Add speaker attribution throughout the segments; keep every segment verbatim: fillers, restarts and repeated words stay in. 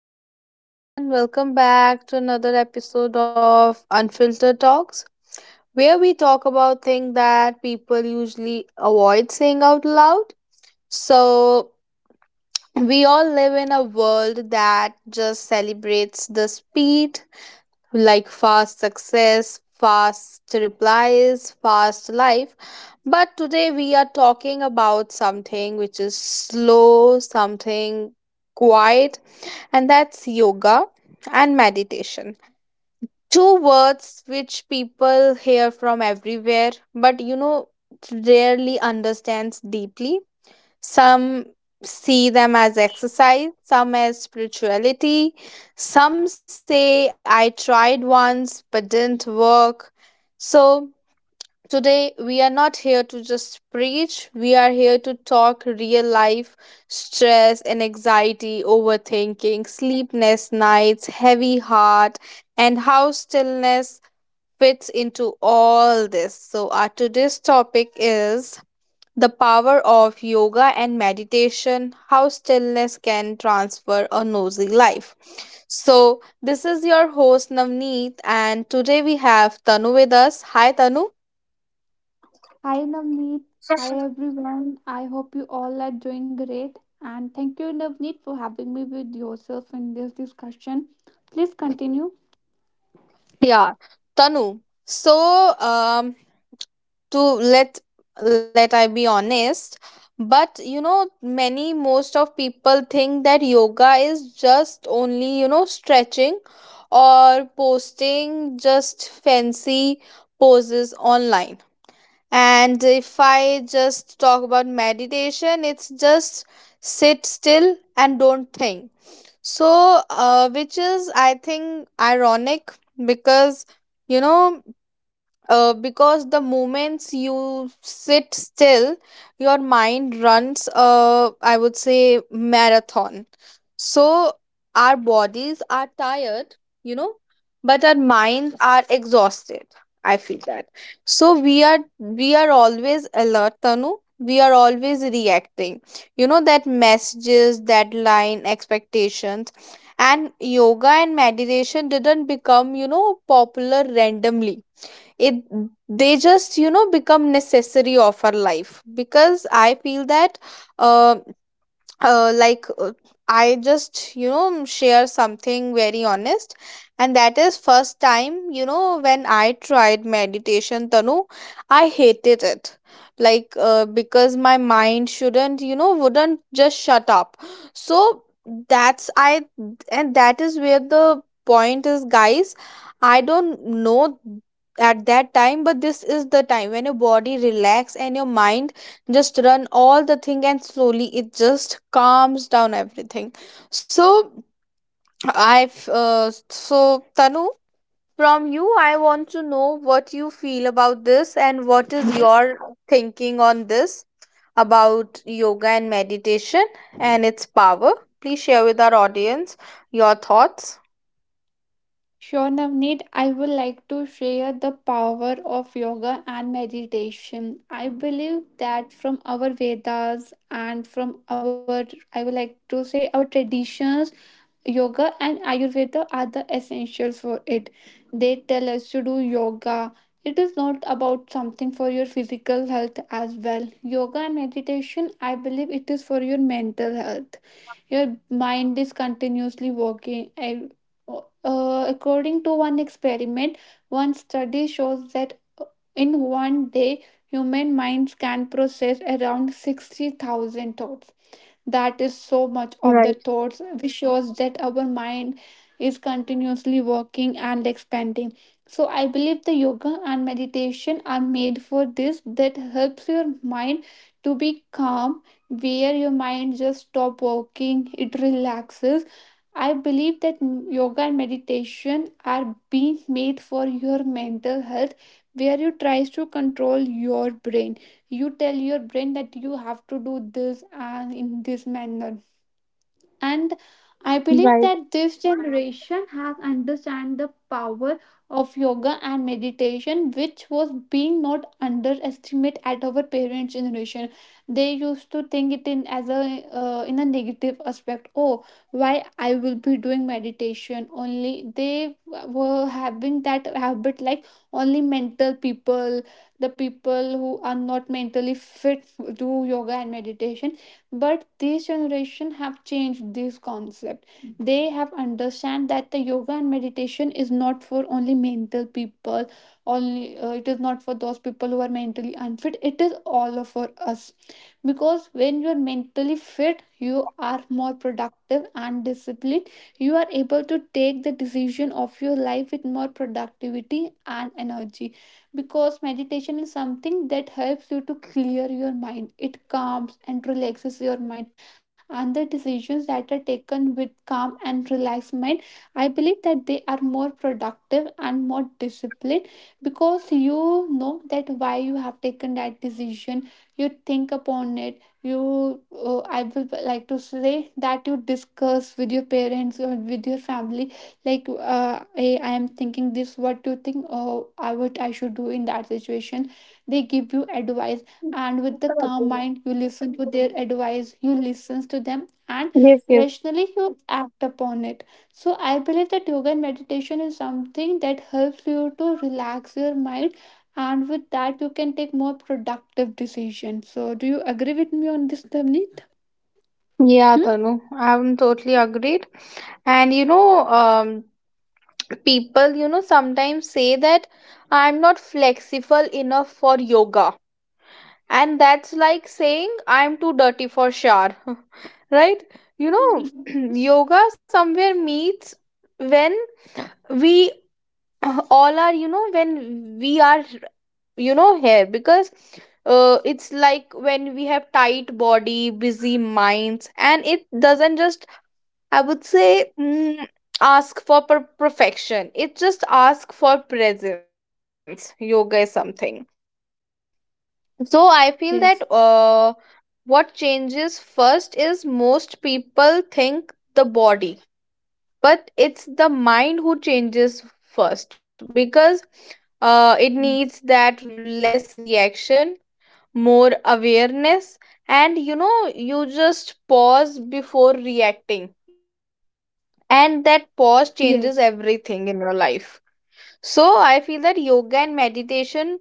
Speaker 1: Hello, everyone. Welcome back to another episode of Unfiltered Talks, where we talk about things that people usually avoid saying out loud. So, we all live in a world that just celebrates the speed, like fast success, fast replies, fast life. But today we are talking about something which is slow, something quiet, and that's yoga and meditation. Two words which people hear from everywhere, but you know, rarely understands deeply. Some see them as exercise, some as spirituality. Some say, I tried once but didn't work. So today, we are not here to just preach, we are here to talk real life stress and anxiety, overthinking, sleepless nights, heavy heart, and how stillness fits into all this. So, our today's topic is the power of yoga and meditation, how stillness can transfer a noisy life. So, this is your host Navneet, and today we have Tanu with us. Hi, Tanu.
Speaker 2: Hi Navneet. Hi everyone. I hope you all are doing great. And thank you, Navneet, for having me with yourself in this discussion. Please continue.
Speaker 1: Yeah, Tanu. So, um, to let let I be honest, but you know, many most of people think that yoga is just only you know stretching or posting just fancy poses online. And if I just talk about meditation, it's just sit still and don't think. So, uh, which is I think ironic because you know uh, because the moments you sit still, your mind runs a, I would say, marathon. So our bodies are tired, you know but our minds are exhausted, I feel that. So we are we are always alert, Tanu. We are always reacting, you know that messages, deadline, expectations. And yoga and meditation didn't become you know popular randomly. It They just you know become necessary of our life, because I feel that uh, uh, like uh, I just you know share something very honest. And that is first time you know when I tried meditation, Tanu, I hated it. Like uh, because my mind shouldn't you know wouldn't just shut up. So. That's I And that is where the point is, guys. I don't know at that time, but this is the time when your body relax and your mind just run all the thing, and slowly it just calms down everything. So I've uh, so Tanu, from you I want to know what you feel about this and what is your thinking on this about yoga and meditation and its power. Please share with our audience your thoughts.
Speaker 2: Sure, Navneet. I would like to share the power of yoga and meditation. I believe that from our Vedas and from our, I would like to say, our traditions, yoga and ayurveda are the essentials for it. They tell us to do yoga. It is not about something for your physical health as well, yoga and meditation, I believe it is for your mental health. Your mind is continuously working, and uh, according to one experiment, one study shows that in one day human minds can process around sixty thousand thoughts. That is so much of the
Speaker 1: Right,
Speaker 2: thoughts, which shows that our mind is continuously working and expanding. So I believe the yoga and meditation are made for this, that helps your mind to be calm, where your mind just stop working, it relaxes. I believe that m- yoga and meditation are being made for your mental health, where you tries to control your brain. You tell your brain that you have to do this and in this manner. And I believe
Speaker 1: right.
Speaker 2: that this generation has understand the power of yoga and meditation, which was being not underestimate at our parents generation. They used to think it in as a, uh, in a negative aspect. Oh, why I will be doing meditation only. They were having that habit like only mental people, the people who are not mentally fit do yoga and meditation. But this generation have changed this concept. They have understand that the yoga and meditation is not for only mental people, only uh, it is not for those people who are mentally unfit, it is all for us. Because when you are mentally fit you are more productive and disciplined. You are able to take the decision of your life with more productivity and energy. Because meditation is something that helps you to clear your mind, it calms and relaxes your mind. And the decisions that are taken with calm and relaxed mind, I believe that they are more productive and more disciplined. Because you know that why you have taken that decision. You think upon it. You uh, I will like to say that you discuss with your parents or with your family, like, uh, hey, I am thinking this, what do you think? Or I, what I should do in that situation? They give you advice, and with the calm mind you listen to their advice, you listen to them, and
Speaker 1: Yes, yes.
Speaker 2: rationally you act upon it. So I believe that yoga and meditation is something that helps you to relax your mind, and with that you can take more productive decisions. So do you agree with me on this, Navneet?
Speaker 1: Yeah,
Speaker 2: Hmm?
Speaker 1: Tanu, I'm totally agreed. And you know, um, people, you know, sometimes say that I'm not flexible enough for yoga. And that's like saying I'm too dirty for shower, right? You know, Yoga somewhere meets when we all are, you know, when we are, you know, here, because uh, it's like when we have tight body, busy minds, and it doesn't just, I would say, mm, ask for per- perfection. It's just ask for presence. Yoga is something. So I feel
Speaker 2: Yes,
Speaker 1: that uh, what changes first is most people think the body, but it's the mind who changes first, because uh, it needs that less reaction, more awareness, and you know, you just pause before reacting, even. And that pause changes
Speaker 2: yes.
Speaker 1: everything in your life. So I feel that yoga and meditation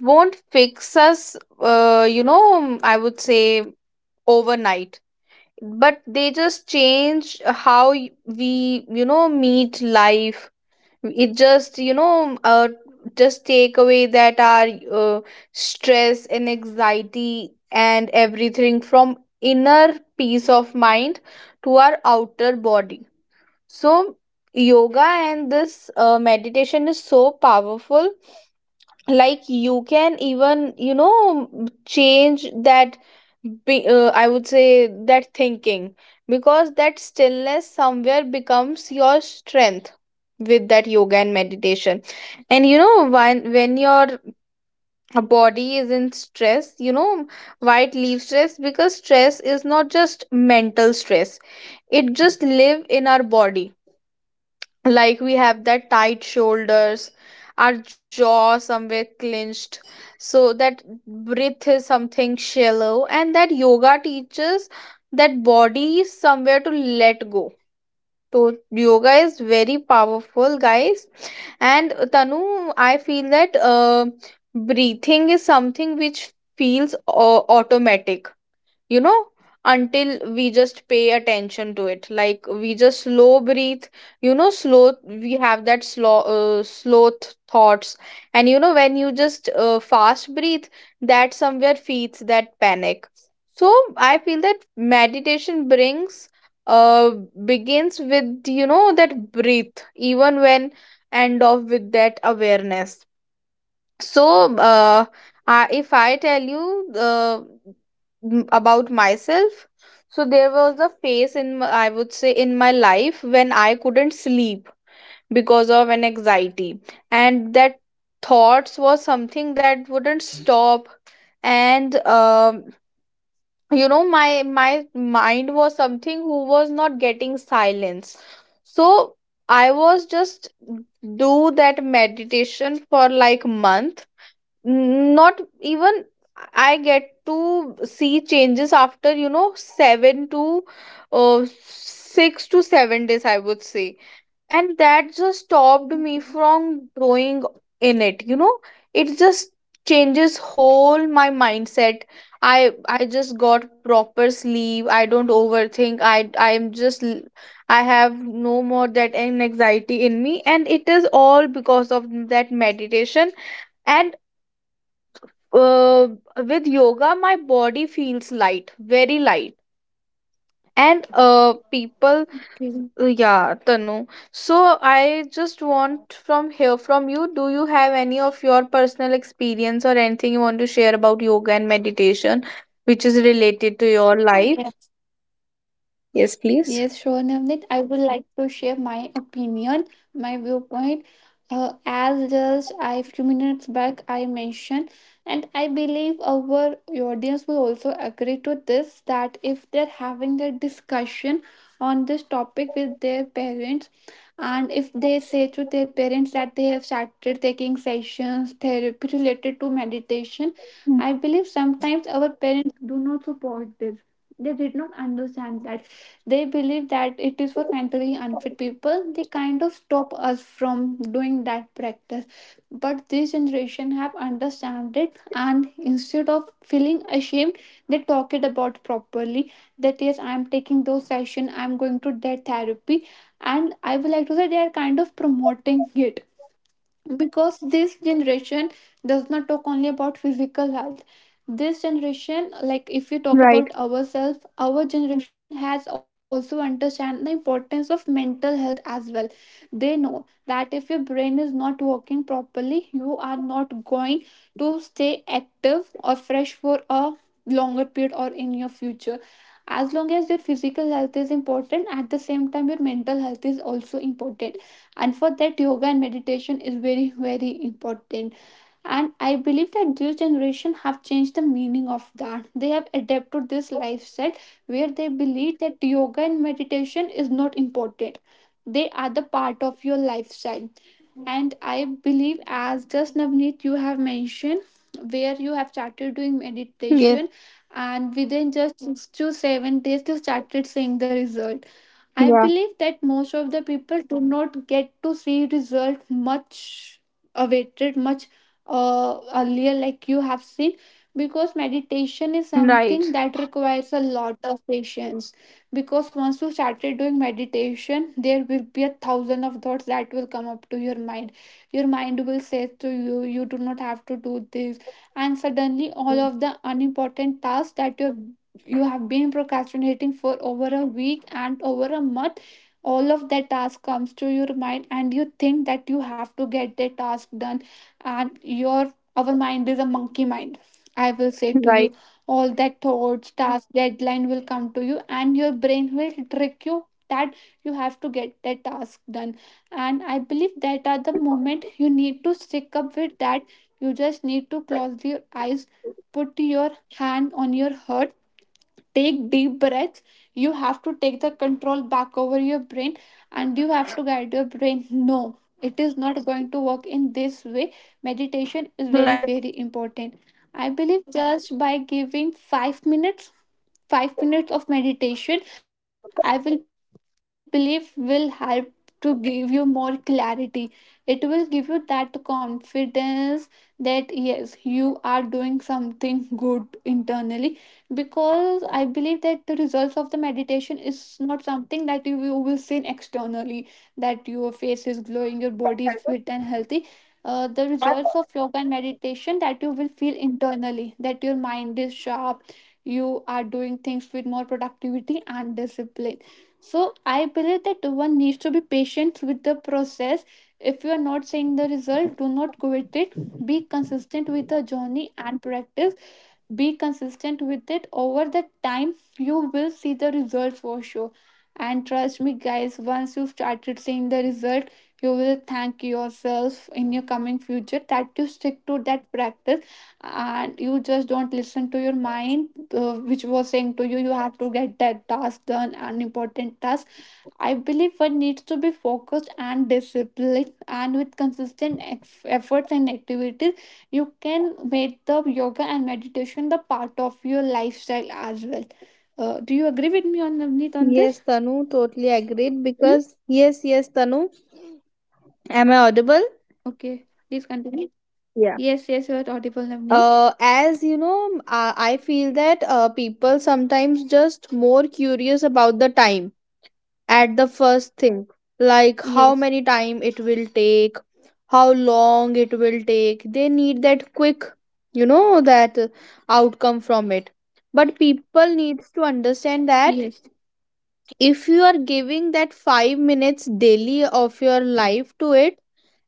Speaker 1: won't fix us uh, you know I would say overnight, but they just change how y- we you know meet life. It just you know uh, just take away that our uh, stress and anxiety and everything, from inner peace of mind to our outer body. So yoga and this uh, meditation is so powerful. Like you can even you know change that, be, uh, I would say that thinking, because that stillness somewhere becomes your strength with that yoga and meditation. And you know when when your body is in stress, you know why it leaves stress, because stress is not just mental stress, it just live in our body. Like we have that tight shoulders, our jaw somewhere clenched, so that breath is something shallow, and that yoga teaches that body is somewhere to let go. So yoga is very powerful, guys. And Tanu, I feel that uh, breathing is something which feels uh, automatic, you know until we just pay attention to it. Like we just slow breathe, you know slow, we have that slow, uh, slow th- thoughts. And you know when you just uh, fast breathe, that somewhere feeds that panic. So I feel that meditation brings uh begins with you know that breathe, even when, end off with that awareness. So uh, I, if I tell you, uh, m- about myself, so there was a phase in m- I would say in my life when I couldn't sleep because of an anxiety. And that thoughts was something that wouldn't stop. And um you know my my mind was something who was not getting silence. So I was just do that meditation for like month. N- not even, I get to see changes after you know seven to uh, six to seven days, I would say. And that just stopped me from growing in it, you know it just changes whole my mindset. I i just got proper sleep, I don't overthink, i i'm just. l- I have no more that an- anxiety in me, and it is all because of that meditation. And uh, with yoga my body feels light, very light. And uh people, uh, yeah, Tanu. So I just want from here from you, do you have any of your personal experience or anything you want to share about yoga and meditation which is related to your life?
Speaker 2: Yes,
Speaker 1: Yes, please.
Speaker 2: yes, sure, Navneet. I would like to share my opinion, my viewpoint. Uh, as just I few minutes back I mentioned, and I believe our audience will also agree to this, that if they're having the discussion on this topic with their parents, and if they say to their parents that they have started taking sessions therapy related to meditation, I
Speaker 1: Mm.
Speaker 2: believe sometimes our parents do not support this. They did not understand that, they believe that it is for mentally unfit people. They kind of stop us from doing that practice. But this generation have understand it, and instead of feeling ashamed they talk it about properly, that yes, I'm taking those session, I'm going to that therapy. And I would like to say they are kind of promoting it, because this generation does not talk only about physical health. This generation, like, if you talk
Speaker 1: Right,
Speaker 2: about ourselves, our generation has also understand the importance of mental health as well. They know that if your brain is not working properly you are not going to stay active or fresh for a longer period or in your future. As long as your physical health is important, at the same time your mental health is also important. And for that, yoga and meditation is very very important. And I believe that this generation have changed the meaning of that, they have adapted this lifestyle where they believe that yoga and meditation is not important, they are the part of your lifestyle. And I believe, as just Navneet you have mentioned, where you have started doing meditation
Speaker 1: yes,
Speaker 2: and within just six to seven days you started seeing the result. I
Speaker 1: yeah,
Speaker 2: believe that most of the people do not get to see result much, awaited much uh, earlier like you have seen.
Speaker 1: and
Speaker 2: Because
Speaker 1: right.
Speaker 2: meditation is something that requires a lot of patience. Because once you started doing meditation, there will be a thousand of thoughts that will come up to your mind. Your mind will say to you, you do not have to do
Speaker 1: Mm,
Speaker 2: this. And suddenly all of the unimportant tasks that you you have been procrastinating for over a week and over a month, all of that task comes to your mind and you think that you have to get the task done. And your our mind is a monkey mind,
Speaker 1: right,
Speaker 2: I will say to you. All that thoughts, task, deadline will come to you, and your brain will trick you that you have to get that task done. And I believe that at the moment you need to stick up with that. You just need to close your eyes, put your hand on your heart, take deep breaths. You have to take the control back over your brain, and you have to guide your brain, no, it is not going to work in
Speaker 1: right.
Speaker 2: this way. Meditation is very very important. I believe just by giving five minutes, five minutes of meditation, I will believe, will help to give you more clarity. It will give you that confidence that yes, you are doing something good internally. Because I believe that the results of the meditation is not something that you, you will see externally, that your face is glowing, your body is fit and healthy. Uh, the results of yoga and meditation, that you will feel internally, that your mind is sharp, you are doing things with more productivity and discipline. So I believe that one needs to be patient with the process. If you are not seeing the result, do not quit it. Be consistent with the journey and practice. Be consistent with it, over the time you will see the results for sure. And trust me guys, once you started seeing the result, you will thank yourself in your coming future that you stick to that practice, and you just don't listen to your mind, uh, which was saying to you, you have to get that task done, an important task. I believe one needs to be focused and disciplined, and with consistent eff- efforts and activities, you can make the yoga and meditation the part of your lifestyle as well. Uh, do you agree with me on Navneet on
Speaker 1: Yes,
Speaker 2: this?
Speaker 1: Tanu, totally agreed,
Speaker 2: Hmm?
Speaker 1: because yes, yes, Tanu. Am I audible?
Speaker 2: Okay, please continue.
Speaker 1: Yeah.
Speaker 2: Yes, yes, you are audible, Navneet.
Speaker 1: Uh, as you know, I, I feel that uh, people sometimes just more curious about the time at the first thing, like how
Speaker 2: Yes,
Speaker 1: many time it will take, how long it will take. They need that quick, you know, that uh, outcome from it. But people needs to understand that
Speaker 2: yes,
Speaker 1: if you are giving that five minutes daily of your life to it,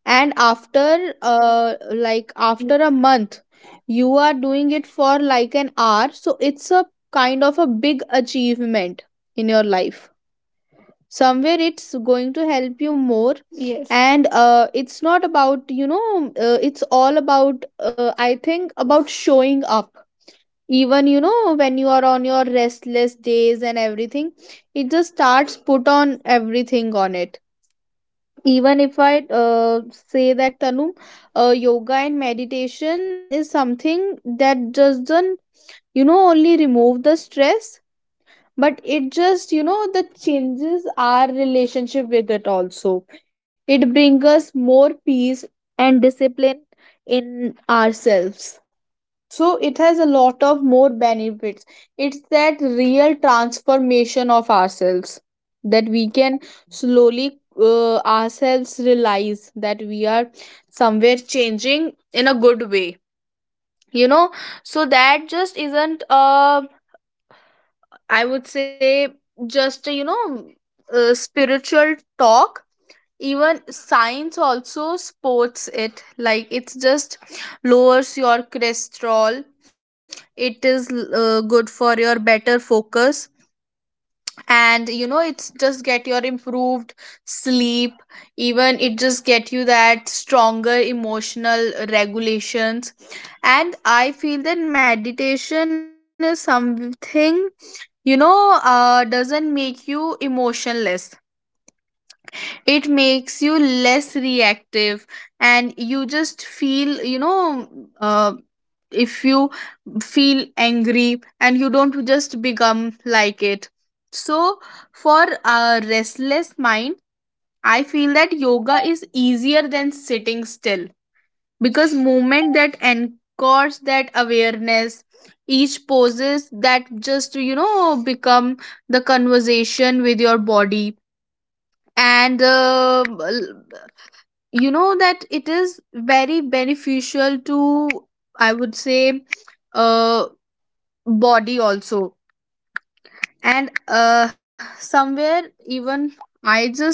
Speaker 1: and after uh like after
Speaker 2: yes,
Speaker 1: a month you are doing it for like an hour, so it's a kind of a big achievement in your life, somewhere it's going to
Speaker 2: yes,
Speaker 1: help you more. And uh it's not about, you know uh, it's all about, uh, I think, about showing up, even you know when you are on your restless days and everything. It just starts put on everything on it. Even if I uh, say that Tanu, uh, yoga and meditation is something that doesn't you know only remove the stress, but it just you know the changes our relationship with it also. It brings us more peace and discipline in ourselves, so it has a lot of more benefits. It's that real transformation of ourselves, that we can slowly uh,
Speaker 2: yes,
Speaker 1: ourselves realize that we are somewhere changing in a good way you know so that just
Speaker 2: yes.
Speaker 1: isn't uh I would say just you know uh, spiritual talk. Even science also supports it, like it's just lowers your cholesterol, it is uh, good for your better focus, and you know it's just get your improved sleep. Even it just get you that stronger emotional regulations. And I feel that meditation is something, you know uh, doesn't make you emotionless, it makes you less reactive. And you just feel, you know uh, if you feel angry and you don't just become like it. So for a restless mind, I feel that yoga is easier than sitting still, because movement that anchors that awareness, each poses that just you know become the conversation with your body. And uh, you know that it is very beneficial to, I would say, uh body also. And uh somewhere even I just,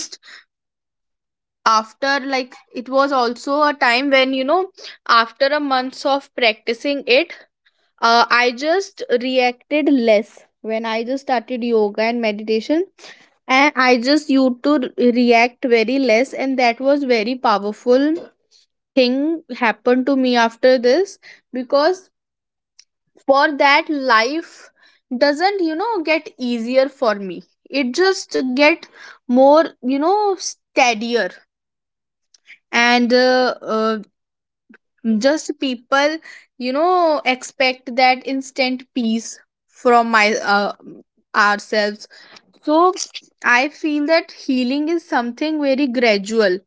Speaker 1: after like, it was also a time when, you know after a months of practicing it, uh I just reacted less when I just started yoga and meditation. And I just used to react very less, and that was very powerful thing happened to me after this. Because for that life doesn't you know get easier for me, it just get more, you know steadier. And uh, uh, just people you know expect that instant peace from my uh, ourselves. So I feel that healing is something very gradual.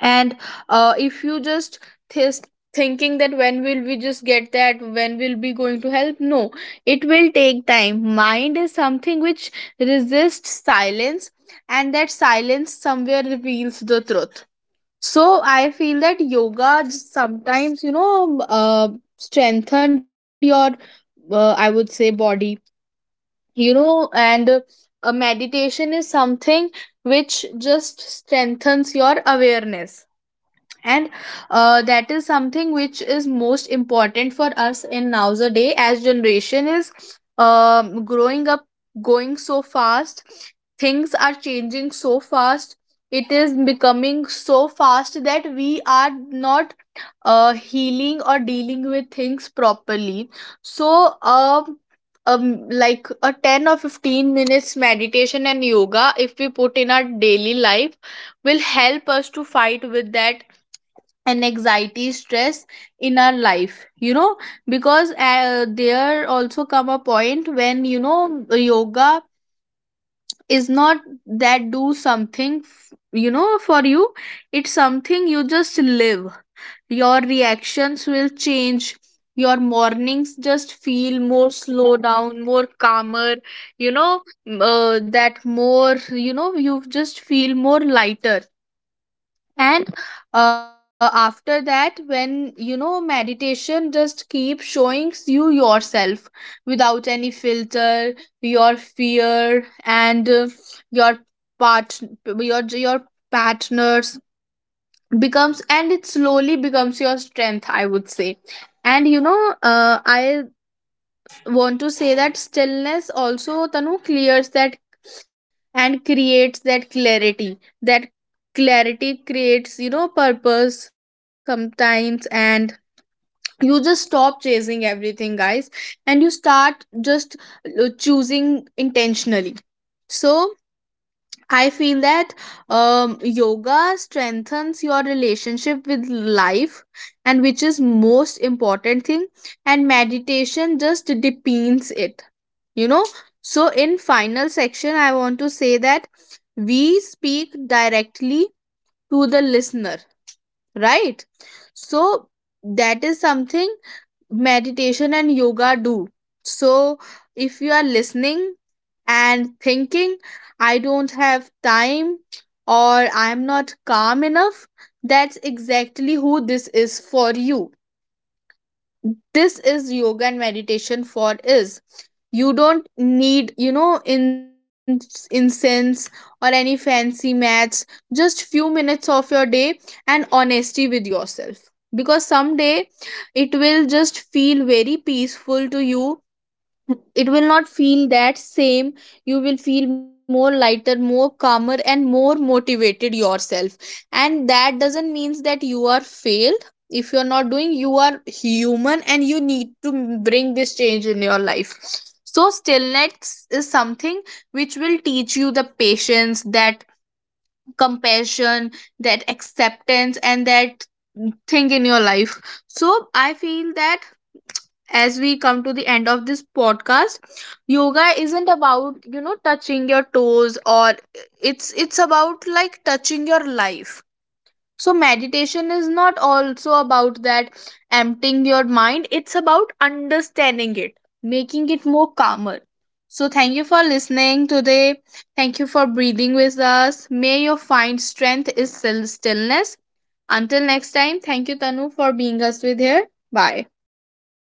Speaker 1: And uh, if you just th- thinking that when will we just get that, when will be going to help, no, it will take time. Mind is something which resists silence, and that silence somewhere reveals the truth. So I feel that yoga just sometimes you know uh, strengthened your, uh, I would say, body, you know and uh, meditation is something which just strengthens your awareness. And uh, that is something which is most important for us in nowadays, as generation is um, growing up, going so fast. Things are changing so fast, it is becoming so fast that we are not uh, healing or dealing with things properly. So, um, um like a ten or fifteen minutes meditation and yoga, if we put in our daily life, will help us to fight with that, and anxiety, stress in our life, you know because uh, there also come a point when, you know yoga is not that do something, f- you know for you, it's something you just live. Your reactions will change, your mornings just feel more slow down, more calmer, you know m- uh, that more, you know you just feel more lighter. And uh, after that when, you know meditation just keep showing you yourself without any filter, your fear and uh, your part your your partners becomes, and it slowly becomes your strength, I would say. And you know uh, I want to say that stillness also, Tanu, clears that and creates that clarity. That clarity creates, you know purpose sometimes, and you just stop chasing everything, guys. And you start just uh, choosing intentionally. So I feel that um, yoga strengthens your relationship with life, and which is most important thing. And meditation just deepens it. You know. So in final section, I want to say that we speak directly to the listener, right? So that is something meditation and yoga do. So if you are listening and thinking, I don't have time or I'm not calm enough, that's exactly who this is for you. This is yoga and meditation for is. You don't need, you know, in, incense or any fancy mats, just few minutes of your day and honesty with yourself. Because someday it will just feel very peaceful to you, it will not feel that same, you will feel more lighter, more calmer, and more motivated yourself. And that doesn't means that you are failed. If you are not doing, you are human and you need to bring this change in your life. So stillness is something which will teach you the patience, that compassion, that acceptance, and that thing in your life. So I feel that, as we come to the end of this podcast, yoga isn't about, you know touching your toes, or it's it's about like touching your life. So meditation is not also about that emptying your mind, it's about understanding it, making it more calmer. So thank you for listening today, thank you for breathing with us, may you find strength is still stillness. Until next time, thank you, Tanu, for being us with here. Bye.